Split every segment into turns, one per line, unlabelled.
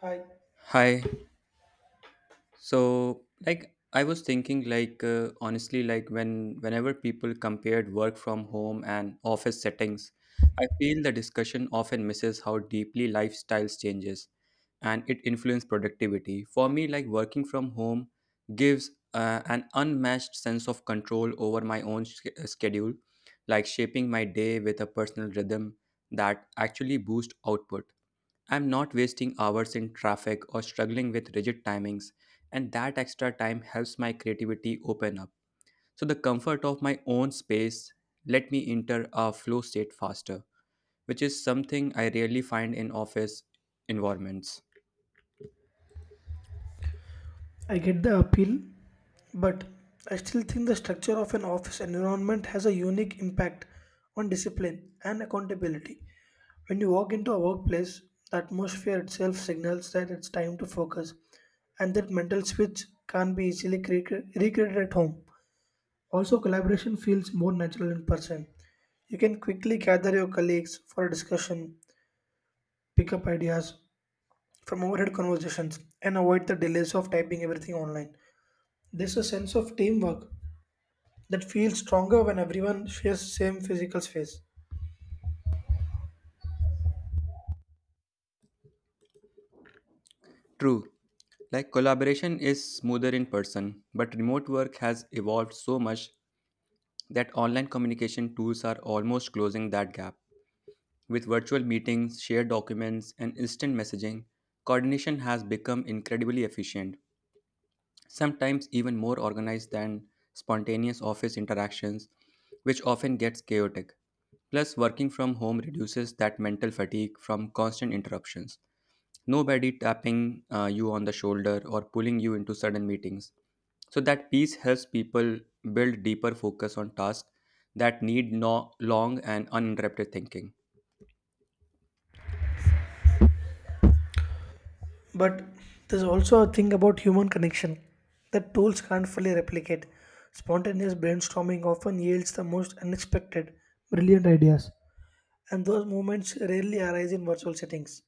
Hi.
Hi, so, I was thinking, like, honestly, like, when whenever people compared work from home and office settings, I feel the discussion often misses how deeply lifestyles changes and it influences productivity. For me, working from home gives an unmatched sense of control over my own schedule, like shaping my day with a personal rhythm that actually boosts output. I'm not wasting hours in traffic or struggling with rigid timings, and that extra time helps my creativity open up. So, the comfort of my own space let me enter a flow state faster, which is something I rarely find in office environments.
I get the appeal, but I still think the structure of an office environment has a unique impact on discipline and accountability. When you walk into a workplace, the atmosphere itself signals that it's time to focus, and that mental switch can't be easily recreated at home. Also, collaboration feels more natural in person. You can quickly gather your colleagues for a discussion, pick up ideas from overhead conversations, and avoid the delays of typing everything online. There's a sense of teamwork that feels stronger when everyone shares same physical space.
True, like collaboration is smoother in person, but remote work has evolved so much that online communication tools are almost closing that gap. With virtual meetings, shared documents, and instant messaging, coordination has become incredibly efficient, sometimes even more organized than spontaneous office interactions, which often gets chaotic. Plus, working from home reduces that mental fatigue from constant interruptions. Nobody tapping you on the shoulder or pulling you into sudden meetings. So, that peace helps people build deeper focus on tasks that need no long and uninterrupted thinking.
But there's also a thing about human connection that tools can't fully replicate. Spontaneous brainstorming often yields the most unexpected, brilliant ideas. And those moments rarely arise in virtual settings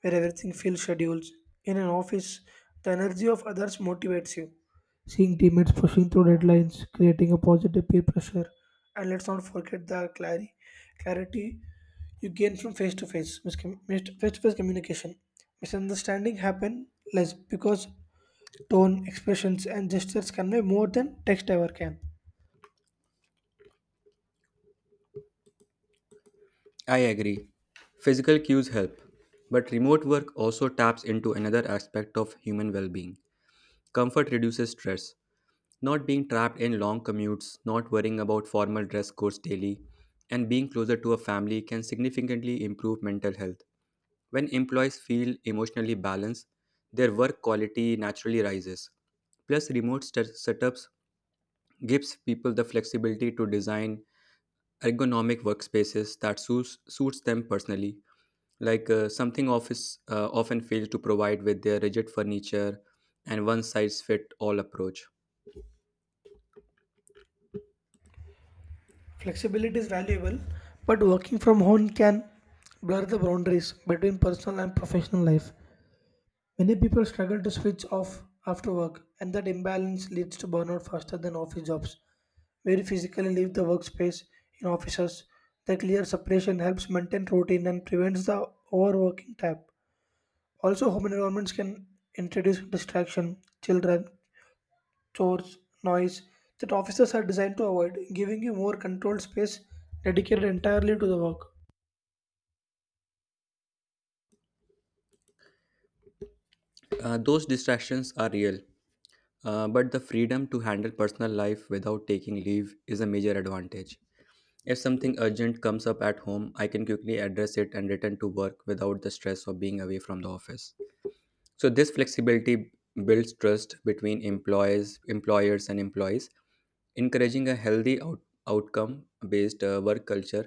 where everything feels scheduled. In an office, the energy of others motivates you. Seeing teammates pushing through deadlines, creating a positive peer pressure, and let's not forget the clarity you gain from face-to-face communication. Misunderstanding happen less because tone expressions and gestures convey more than text ever can.
I agree. Physical cues help, but remote work also taps into another aspect of human well being. Comfort reduces stress. Not being trapped in long commutes, not worrying about formal dress codes daily, and being closer to a family can significantly improve mental health. When employees feel emotionally balanced, their work quality naturally rises. Plus, remote setups gives people the flexibility to design ergonomic workspaces that suits them personally, like something office often fails to provide with their rigid furniture and one size fit all approach.
Flexibility is valuable, but working from home can blur the boundaries between personal and professional life. Many people struggle to switch off after work, and that imbalance leads to burnout faster than office jobs where you physically leave the workspace. In offices, the clear separation helps maintain routine and prevents the overworking trap. Also, home environments can introduce distraction, children, chores, noise that offices are designed to avoid, giving you more controlled space dedicated entirely to the work.
Those distractions are real, but the freedom to handle personal life without taking leave is a major advantage. If something urgent comes up at home, I can quickly address it and return to work without the stress of being away from the office. So this flexibility builds trust between employees, employers and employees, encouraging a healthy outcome-based work culture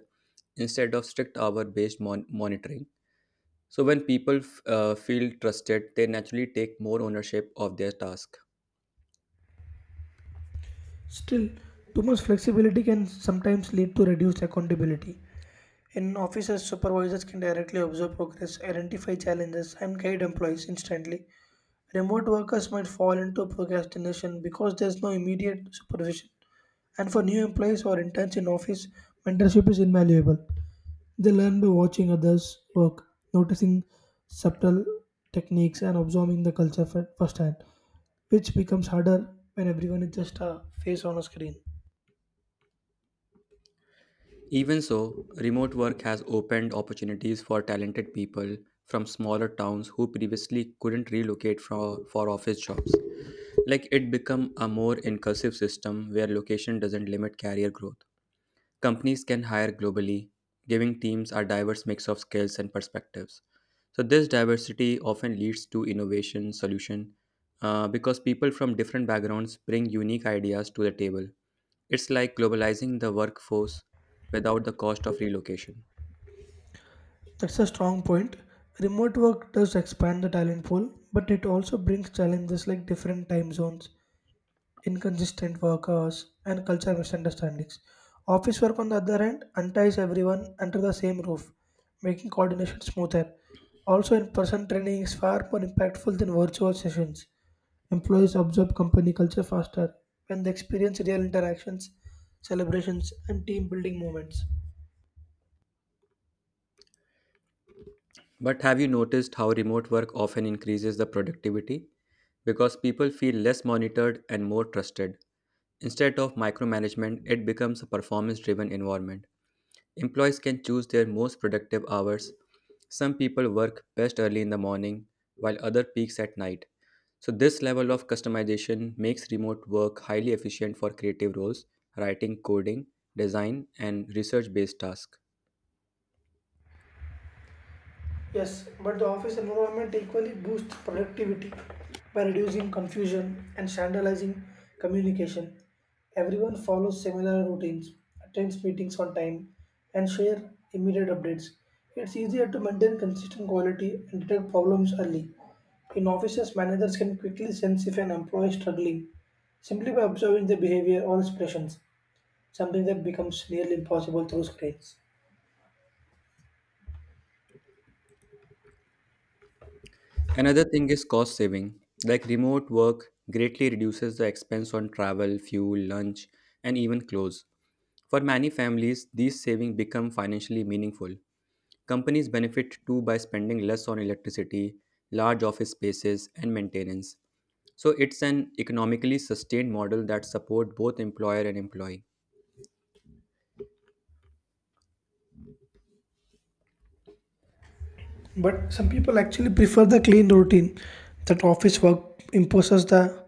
instead of strict hour-based monitoring. So when people feel trusted, they naturally take more ownership of their task.
Still, too much flexibility can sometimes lead to reduced accountability. In offices, supervisors can directly observe progress, identify challenges, and guide employees instantly. Remote workers might fall into procrastination because there's no immediate supervision. And for new employees or interns in office, mentorship is invaluable. They learn by watching others work, noticing subtle techniques, and observing the culture firsthand, which becomes harder when everyone is just a face on a screen.
Even so, remote work has opened opportunities for talented people from smaller towns who previously couldn't relocate for office jobs. Like it become a more inclusive system where location doesn't limit career growth. Companies can hire globally, giving teams a diverse mix of skills and perspectives. So this diversity often leads to innovation solution because people from different backgrounds bring unique ideas to the table. It's like globalizing the workforce without the cost of relocation.
That's a strong point. Remote work does expand the talent pool, but it also brings challenges like different time zones, inconsistent work hours, and cultural misunderstandings. Office work, on the other hand, unties everyone under the same roof, making coordination smoother. Also, in person training is far more impactful than virtual sessions. Employees absorb company culture faster when they experience real interactions, celebrations, and team building moments.
But have you noticed how remote work often increases the productivity? Because people feel less monitored and more trusted. Instead of micromanagement, it becomes a performance driven environment. Employees can choose their most productive hours. Some people work best early in the morning, while other peaks at night. So, this level of customization makes remote work highly efficient for creative roles, writing, coding, design, and research based tasks.
Yes, but the office environment equally boosts productivity by reducing confusion and standardizing communication. Everyone follows similar routines, attends meetings on time, and share immediate updates. It's easier to maintain consistent quality and detect problems early. In offices, managers can quickly sense if an employee is struggling simply by observing their behavior or expressions, something that becomes nearly impossible through screens.
Another thing is cost saving. Like remote work greatly reduces the expense on travel, fuel, lunch, and even clothes. For many families, these savings become financially meaningful. Companies benefit too by spending less on electricity, large office spaces, and maintenance. So it's an economically sustained model that supports both employer and employee.
But some people actually prefer the clean routine that office work imposes the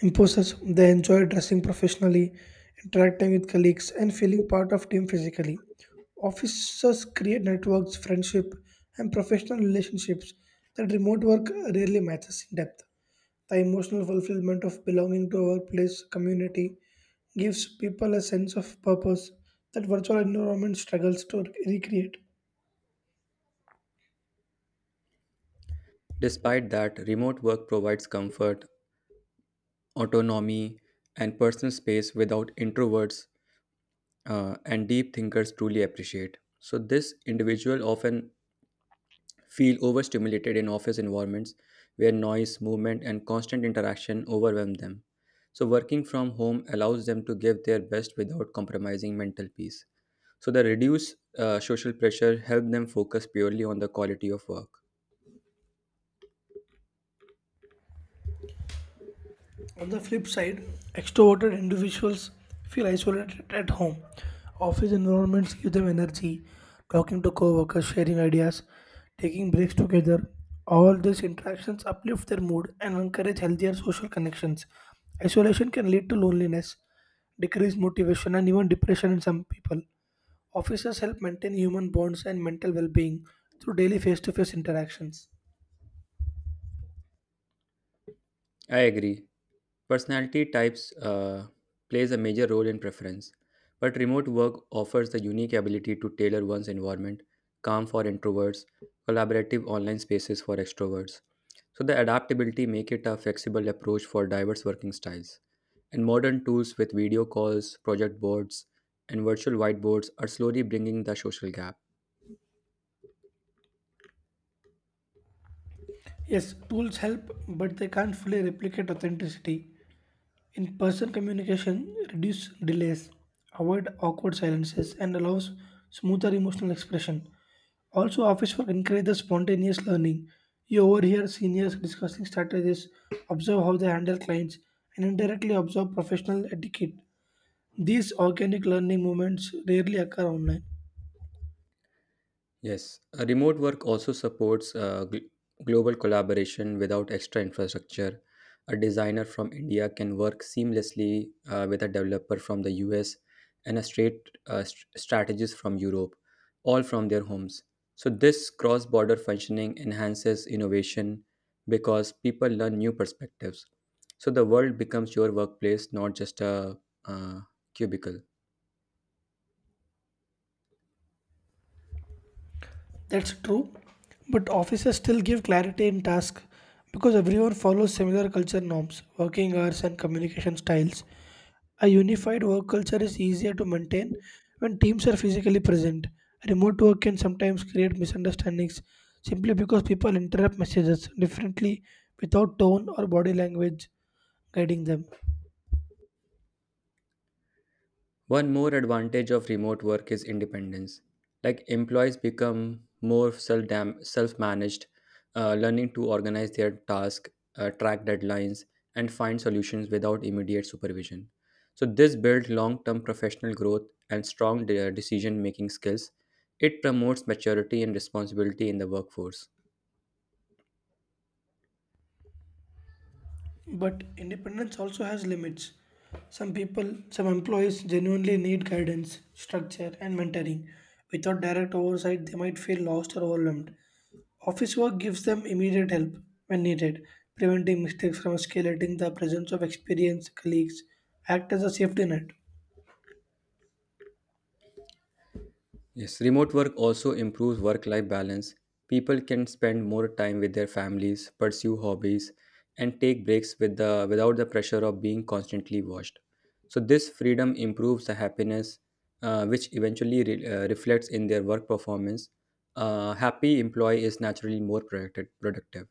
imposes. They enjoy dressing professionally, interacting with colleagues and feeling part of team physically. Offices create networks, friendship and professional relationships that remote work rarely matches in depth. The emotional fulfillment of belonging to a workplace community gives people a sense of purpose that virtual environment struggles to recreate.
Despite that, remote work provides comfort, autonomy, and personal space without introverts and deep thinkers truly appreciate. So this individual often feel overstimulated in office environments where noise, movement, and constant interaction overwhelm them. So, working from home allows them to give their best without compromising mental peace. So, the reduced social pressure help them focus purely on the quality of work.
On the flip side, extroverted individuals feel isolated at home. Office environments give them energy, talking to coworkers, sharing ideas, taking breaks together. All these interactions uplift their mood and encourage healthier social connections. Isolation can lead to loneliness, decreased motivation, and even depression in some people. Offices help maintain human bonds and mental well being through daily face to face interactions.
I agree. Personality types plays a major role in preference, but remote work offers the unique ability to tailor one's environment, calm for introverts, collaborative online spaces for extroverts. So the adaptability make it a flexible approach for diverse working styles. And modern tools with video calls, project boards, and virtual whiteboards are slowly bringing the social gap.
Yes, tools help, but they can't fully replicate authenticity. In person communication, reduce delays, avoid awkward silences, and allows smoother emotional expression. Also, office work encourages spontaneous learning. You overhear seniors discussing strategies, observe how they handle clients, and indirectly observe professional etiquette. These organic learning moments rarely occur online.
Yes, remote work also supports global collaboration without extra infrastructure. A designer from India can work seamlessly with a developer from the US and a strategist from Europe, all from their homes. So, this cross border functioning enhances innovation because people learn new perspectives. So, the world becomes your workplace, not just a uh, cubicle.
That's true, but offices still give clarity in tasks because everyone follows similar culture norms, working hours, and communication styles. A unified work culture is easier to maintain when teams are physically present. Remote work can sometimes create misunderstandings simply because people interrupt messages differently without tone or body language guiding them.
One more advantage of remote work is independence. Like employees become more self managed, learning to organize their tasks, track deadlines, and find solutions without immediate supervision. So, this builds long term professional growth and strong decision making skills. It promotes maturity and responsibility in the workforce.
But independence also has limits. Some people, some employees genuinely need guidance, structure, and mentoring. Without direct oversight, they might feel lost or overwhelmed. Office work gives them immediate help when needed, preventing mistakes from escalating. The presence of experienced colleagues act as a safety net.
Yes, remote work also improves work life balance. People can spend more time with their families, pursue hobbies, and take breaks without the pressure of being constantly watched. So, this freedom improves the happiness, which eventually reflects in their work performance. A happy employee is naturally more productive.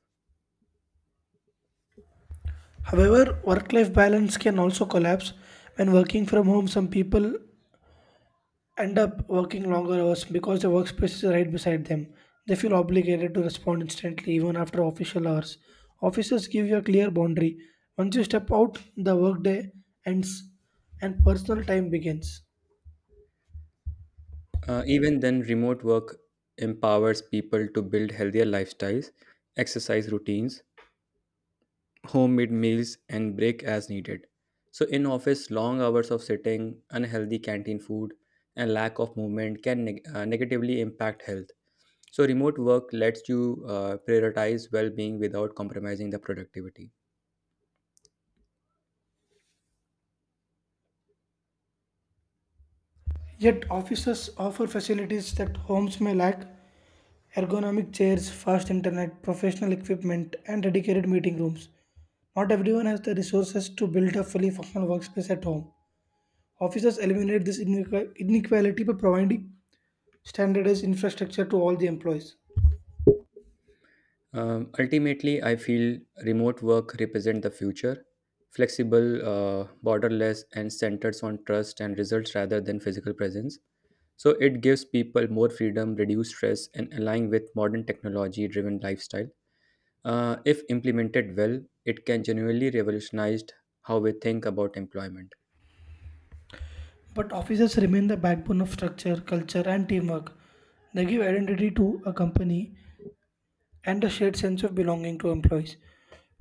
However, work life balance can also collapse. When working from home, some people end up working longer hours because the workspace is right beside them. They feel obligated to respond instantly, even after official hours. Offices give you a clear boundary. Once you step out, the workday ends and personal time begins.
Even then, remote work empowers people to build healthier lifestyles, exercise routines, homemade meals and break as needed. So in office, long hours of sitting, unhealthy canteen food, and lack of movement can negatively impact health. So remote work lets you prioritize well-being without compromising the productivity.
Yet, offices offer facilities that homes may lack: ergonomic chairs, fast internet, professional equipment, and dedicated meeting rooms. Not everyone has the resources to build a fully functional workspace at home. Offices eliminate this inequality by providing standardized infrastructure to all the employees.
Ultimately, I feel remote work represent the future, flexible, borderless, and centers on trust and results rather than physical presence. So it gives people more freedom, reduce stress, and align with modern technology-driven lifestyle. If implemented well, it can genuinely revolutionize how we think about employment.
But offices remain the backbone of structure, culture, and teamwork. They give identity to a company and a shared sense of belonging to employees.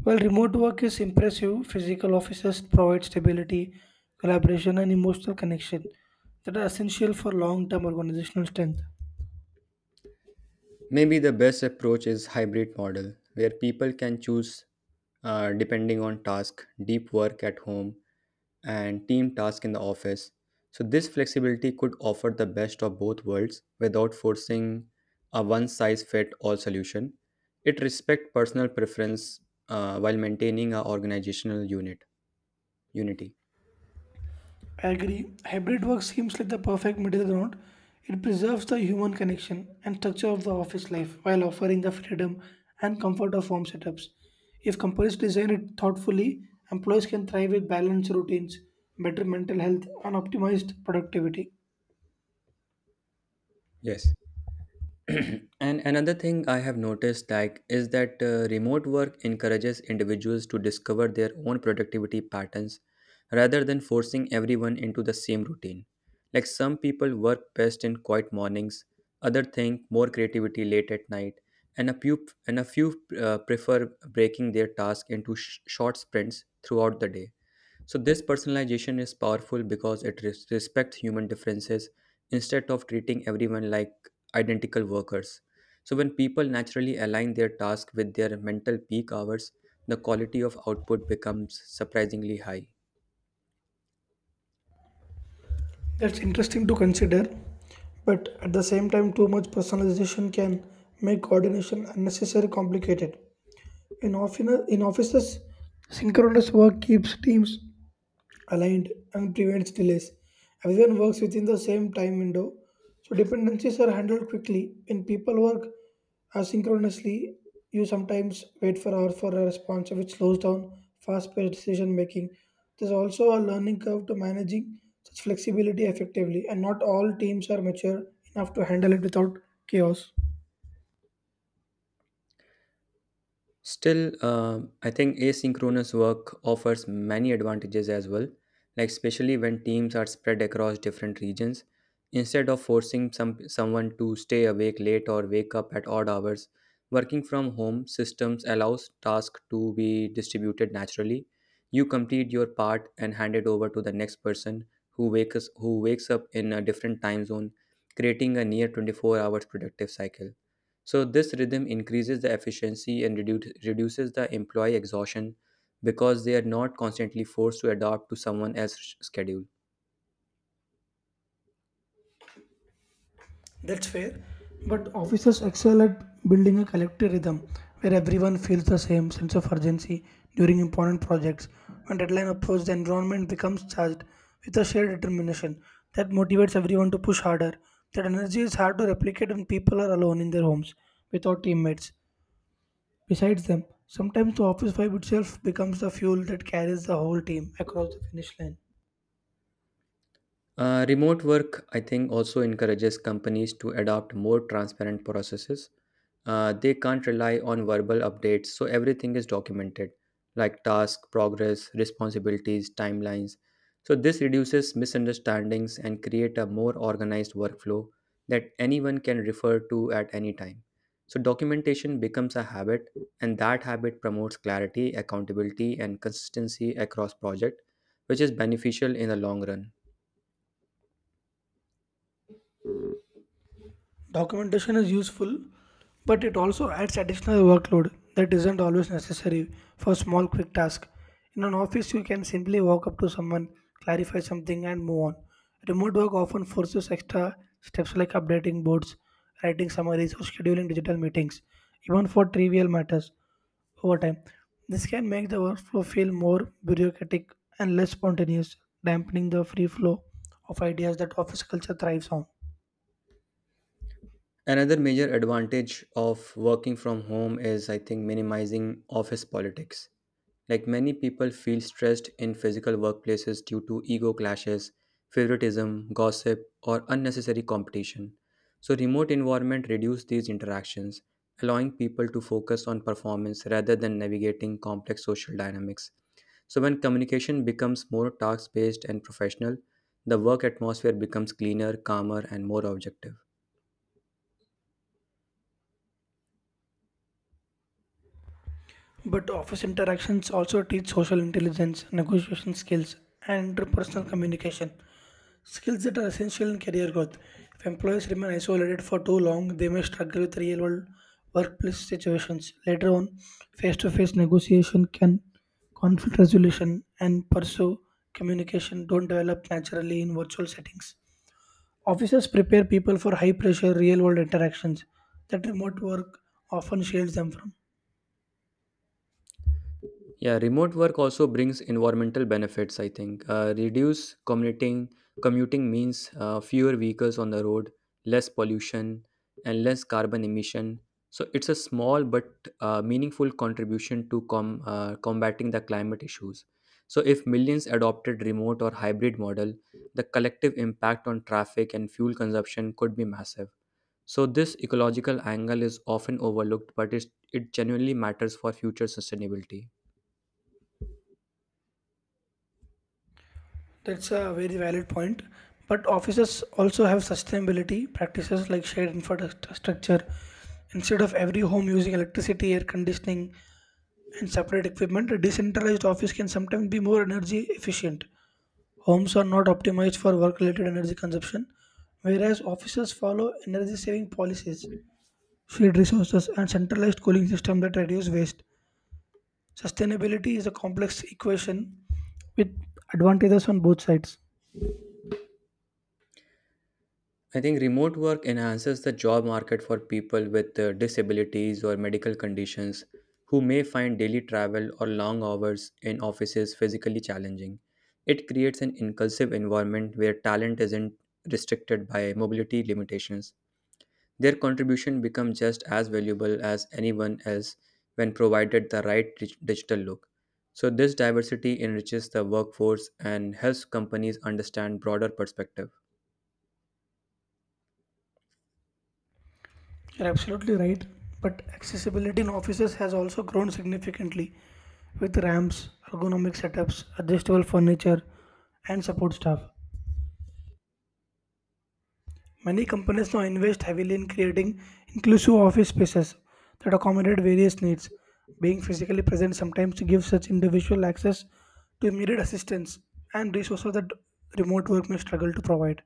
While remote work is impressive, physical offices provide stability, collaboration, and emotional connection that are essential for long term organizational strength.
Maybe the best approach is hybrid model, where people can choose depending on task, deep work at home, and team task in the office. So this flexibility could offer the best of both worlds without forcing a one-size-fit-all solution. It respects personal preference while maintaining a organizational unity.
I agree. Hybrid work seems like the perfect middle ground. It preserves the human connection and structure of the office life while offering the freedom and comfort of home setups. If companies design it thoughtfully, employees can thrive with balanced routines, better mental health, and optimized productivity.
Yes. And another thing I have noticed, like, is that remote work encourages individuals to discover their own productivity patterns rather than forcing everyone into the same routine. Like some people work best in quiet mornings, other think more creativity late at night, and a few prefer breaking their task into short sprints throughout the day. So, this personalization is powerful because it respects human differences instead of treating everyone like identical workers. So, when people naturally align their task with their mental peak hours, the quality of output becomes surprisingly high.
That's interesting to consider, but at the same time, too much personalization can make coordination unnecessarily complicated. In offices, synchronous work keeps teams aligned and prevents delays. Everyone works within the same time window, so dependencies are handled quickly. When people work asynchronously, you sometimes wait for hours for a response, which slows down fast-paced decision making. There's also a learning curve to managing such flexibility effectively, and not all teams are mature enough to handle it without chaos.
Still, I think asynchronous work offers many advantages as well, like especially when teams are spread across different regions. Instead of forcing someone to stay awake late or wake up at odd hours, working from home systems allows tasks to be distributed naturally. You complete your part and hand it over to the next person who wakes up in a different time zone, creating a near 24 hours productive cycle. So this rhythm increases the efficiency and reduces the employee exhaustion because they are not constantly forced to adapt to someone else's schedule.
That's fair. But officers excel at building a collective rhythm where everyone feels the same sense of urgency during important projects. When deadline approaches, the environment becomes charged with a shared determination that motivates everyone to push harder. That energy is hard to replicate when people are alone in their homes without teammates. Besides them, sometimes the office vibe itself becomes the fuel that carries the whole team across the finish line.
Remote work, I think, also encourages companies to adopt more transparent processes. They can't rely on verbal updates, so everything is documented, like task, progress, responsibilities, timelines. So this reduces misunderstandings and create a more organized workflow that anyone can refer to at any time. So documentation becomes a habit, and that habit promotes clarity, accountability, and consistency across project, which is beneficial in the long run.
Documentation is useful, but it also adds additional workload that isn't always necessary for small quick tasks. In an office, you can simply walk up to someone, clarify something, and move on. Remote work often forces extra steps like updating boards, writing summaries, or scheduling digital meetings, even for trivial matters over time. This can make the workflow feel more bureaucratic and less spontaneous, dampening the free flow of ideas that office culture thrives on.
Another major advantage of working from home is, I think, minimizing office politics. Like many people feel stressed in physical workplaces due to ego clashes, favoritism, gossip, or unnecessary competition. So, remote environment reduce these interactions, allowing people to focus on performance rather than navigating complex social dynamics. So, when communication becomes more task-based and professional, the work atmosphere becomes cleaner, calmer, and more objective.
But office interactions also teach social intelligence, negotiation skills, and interpersonal communication, skills that are essential in career growth. If employees remain isolated for too long, they may struggle with real world workplace situations. Later on, face to face negotiation can conflict resolution and pursue communication don't develop naturally in virtual settings. Offices prepare people for high pressure real world interactions that remote work often shields them from.
Yeah, remote work also brings environmental benefits, I think. Reduce commuting means fewer vehicles on the road, less pollution, and less carbon emission. So it's a small but meaningful contribution to combating the climate issues. So if millions adopted remote or hybrid model, the collective impact on traffic and fuel consumption could be massive. So this ecological angle is often overlooked, it genuinely matters for future sustainability.
That's a very valid point. But offices also have sustainability practices like shared infrastructure. Instead of every home using electricity, air conditioning, and separate equipment, a decentralized office can sometimes be more energy efficient. Homes are not optimized for work related energy consumption, whereas offices follow energy saving policies, shared resources, and centralized cooling systems that reduce waste. Sustainability is a complex equation with advantages on both sides.
I think remote work enhances the job market for people with disabilities or medical conditions who may find daily travel or long hours in offices physically challenging. It creates an inclusive environment where talent isn't restricted by mobility limitations. Their contribution becomes just as valuable as anyone else when provided the right digital look. So, this diversity enriches the workforce and helps companies understand broader perspectives.
You're absolutely right, but accessibility in offices has also grown significantly with ramps, ergonomic setups, adjustable furniture, and support staff. Many companies now invest heavily in creating inclusive office spaces that accommodate various needs. Being physically present sometimes gives such individual access to immediate assistance and resources that remote work may struggle to provide.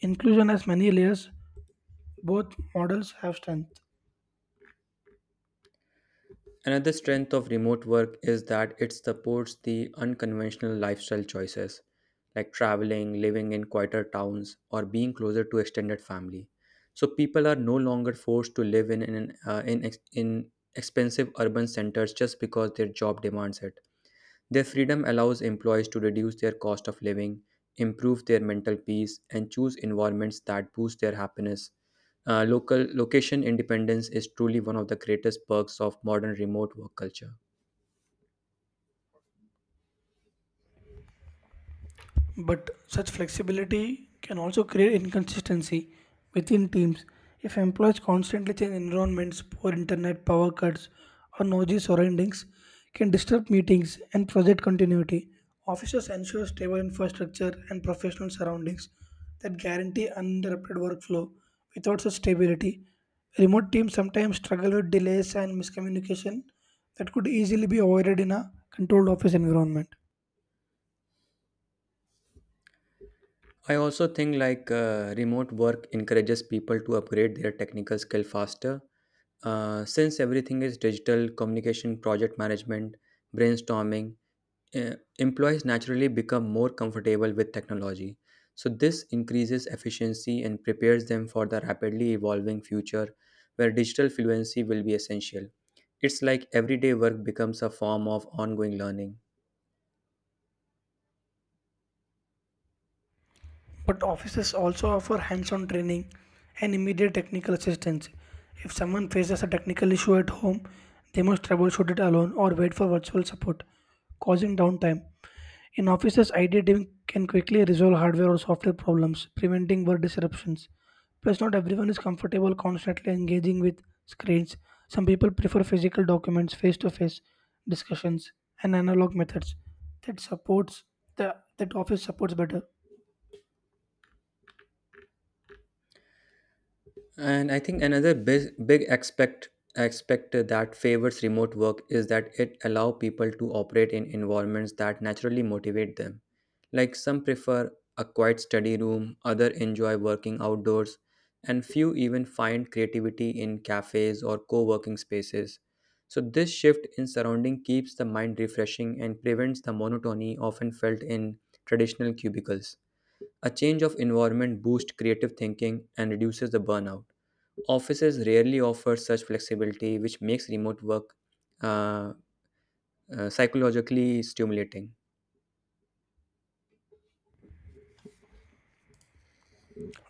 Inclusion has many layers, both models have strengths.
Another strength of remote work is that it supports the unconventional lifestyle choices, like traveling, living in quieter towns, or being closer to extended family. So people are no longer forced to live in, an- in, ex- in expensive urban centers just because their job demands it. Their freedom allows employees to reduce their cost of living, improve their mental peace, and choose environments that boost their happiness. Local Location independence is truly one of the greatest perks of modern remote work culture.
But such flexibility can also create inconsistency within teams if employees constantly change environments, poor internet, power cuts, or noisy surroundings can disturb meetings and project continuity. Officers ensure stable infrastructure and professional surroundings that guarantee uninterrupted workflow. Without such stability, remote teams sometimes struggle with delays and miscommunication that could easily be avoided in a controlled office environment.
I also think like remote work encourages people to upgrade their technical skill faster. Since everything is digital, communication, project management, brainstorming, employees naturally become more comfortable with technology. So, this increases efficiency and prepares them for the rapidly evolving future where digital fluency will be essential. It's like everyday work becomes a form of ongoing learning.
But offices also offer hands on training and immediate technical assistance. If someone faces a technical issue at home, they must troubleshoot it alone or wait for virtual support, causing downtime. In offices, IT team can quickly resolve hardware or software problems, preventing work disruptions. Plus, not everyone is comfortable constantly engaging with screens. Some people prefer physical documents, face to face discussions, and analog methods that supports that office supports better.
And I think another big, big aspect aspect that favors remote work is that it allow people to operate in environments that naturally motivate them. Like some prefer a quiet study room, other enjoy working outdoors, and few even find creativity in cafes or co-working spaces. So this shift in surrounding keeps the mind refreshing and prevents the monotony often felt in traditional cubicles. A change of environment boosts creative thinking and reduces the burnout. Offices rarely offer such flexibility, which makes remote work uh, psychologically stimulating.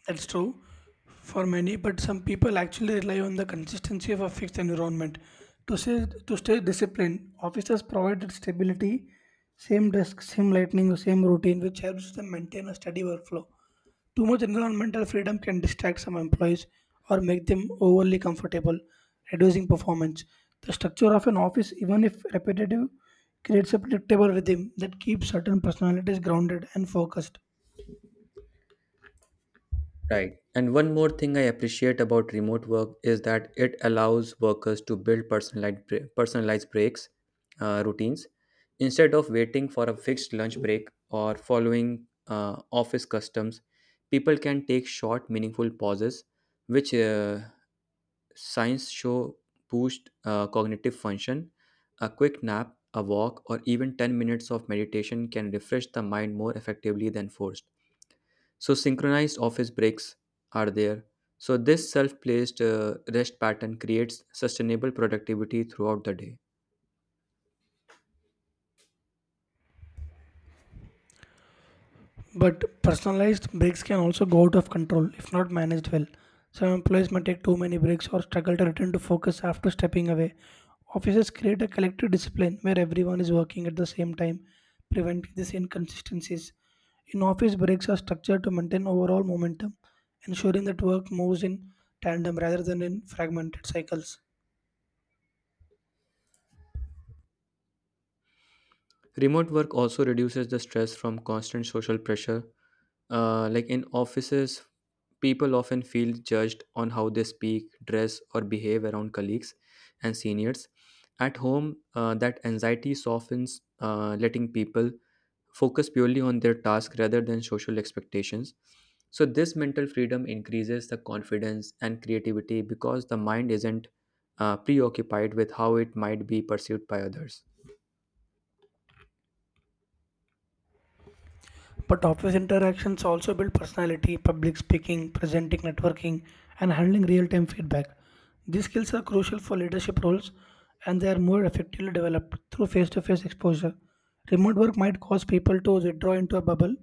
That's true for many, but some people actually rely on the consistency of a fixed environment to stay disciplined. Officers provided stability, same desk, same lightning, same routine, which helps them maintain a steady workflow. Too much environmental freedom can distract some employees or make them overly comfortable, reducing performance. The structure of an office, even if repetitive, creates a predictable rhythm that keeps certain personalities grounded and focused.
Right. And one more thing I appreciate about remote work is that it allows workers to build personalized breaks, routines, instead of waiting for a fixed lunch break or following office customs. People can take short, meaningful pauses, which Science show boost cognitive function. A quick nap, a walk, or even 10 minutes of meditation can refresh the mind more effectively than forced. So, synchronized office breaks are there. So, this self placed rest pattern creates sustainable productivity throughout the day.
But personalized breaks can also go out of control if not managed well. Some employees may take too many breaks or struggle to return to focus after stepping away. Offices create a collective discipline where everyone is working at the same time, preventing these inconsistencies. In office, breaks are structured to maintain overall momentum, ensuring that work moves in tandem rather than in fragmented cycles.
Remote work also reduces the stress from constant social pressure. Like in offices, people often feel judged on how they speak, dress, or behave around colleagues and seniors. At home, that anxiety softens, letting people focus purely on their task rather than social expectations. So, this mental freedom increases the confidence and creativity because the mind isn't preoccupied with how it might be perceived by others.
But office interactions also build personality, public speaking, presenting, networking, and handling real time feedback. These skills are crucial for leadership roles and they are more effectively developed through face to face exposure. Remote work might cause people to withdraw into a bubble,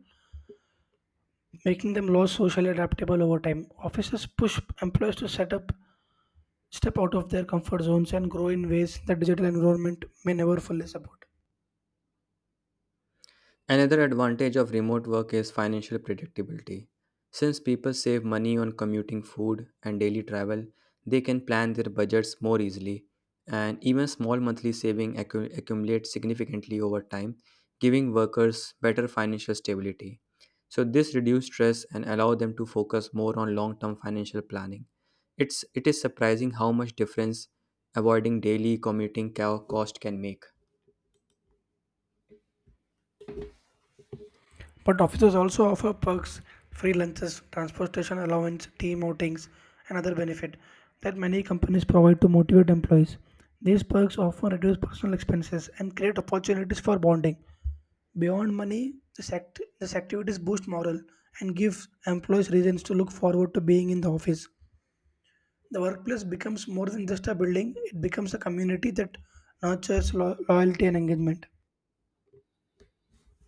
making them less socially adaptable over time. Offices push employees to set up, step out of their comfort zones, and grow in ways that digital environment may never fully support.
Another advantage of remote work is financial predictability. Since people save money on commuting, food, and daily travel, they can plan their budgets more easily, and even small monthly accumulate significantly over time, giving workers better financial stability. So this reduces stress and allow them to focus more on long-term financial planning. It is surprising how much difference avoiding daily cost can make.
But offices also offer perks, free lunches, transportation allowance, team outings, and other benefits that many companies provide to motivate employees. These perks often reduce personal expenses and create opportunities for bonding. Beyond money, this activities boost morale and give employees reasons to look forward to being in the office. The workplace becomes more than just a building, it becomes a community that nurtures loyalty and engagement.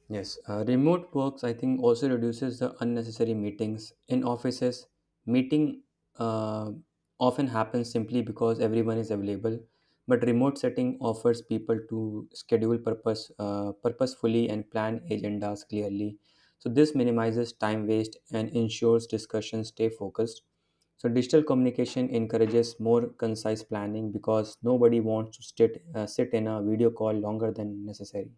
Yes, remote works I think also reduces the unnecessary meetings in offices. Meeting uh, often happens simply because everyone is available, but remote setting offers people to schedule purposefully and plan agendas clearly. So this minimizes time waste and ensures discussions stay focused. So digital communication encourages more concise planning because nobody wants to sit in a video call longer than necessary.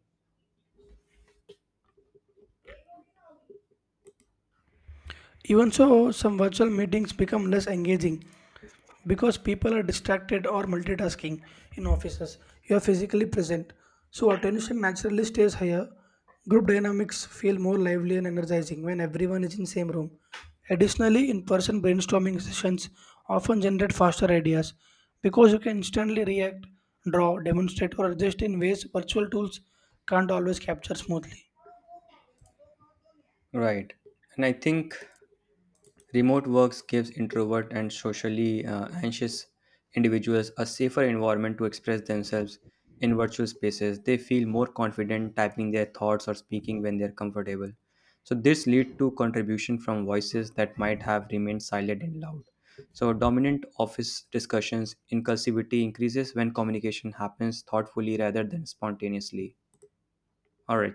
Even so, some virtual meetings become less engaging because people are distracted or multitasking. In offices, you are physically present, so attention naturally stays higher. Group dynamics feel more lively and energizing when everyone is in same room. Additionally, in-person brainstorming sessions often generate faster ideas because you can instantly react, draw, demonstrate or adjust in ways virtual tools can't always capture smoothly.
Right. And I think remote works gives introvert and socially anxious individuals a safer environment to express themselves in virtual spaces. They feel more confident typing their thoughts or speaking when they're comfortable. So this lead to contribution from voices that might have remained silent and loud. So dominant office discussions inclusivity increases when communication happens thoughtfully rather than spontaneously. All right.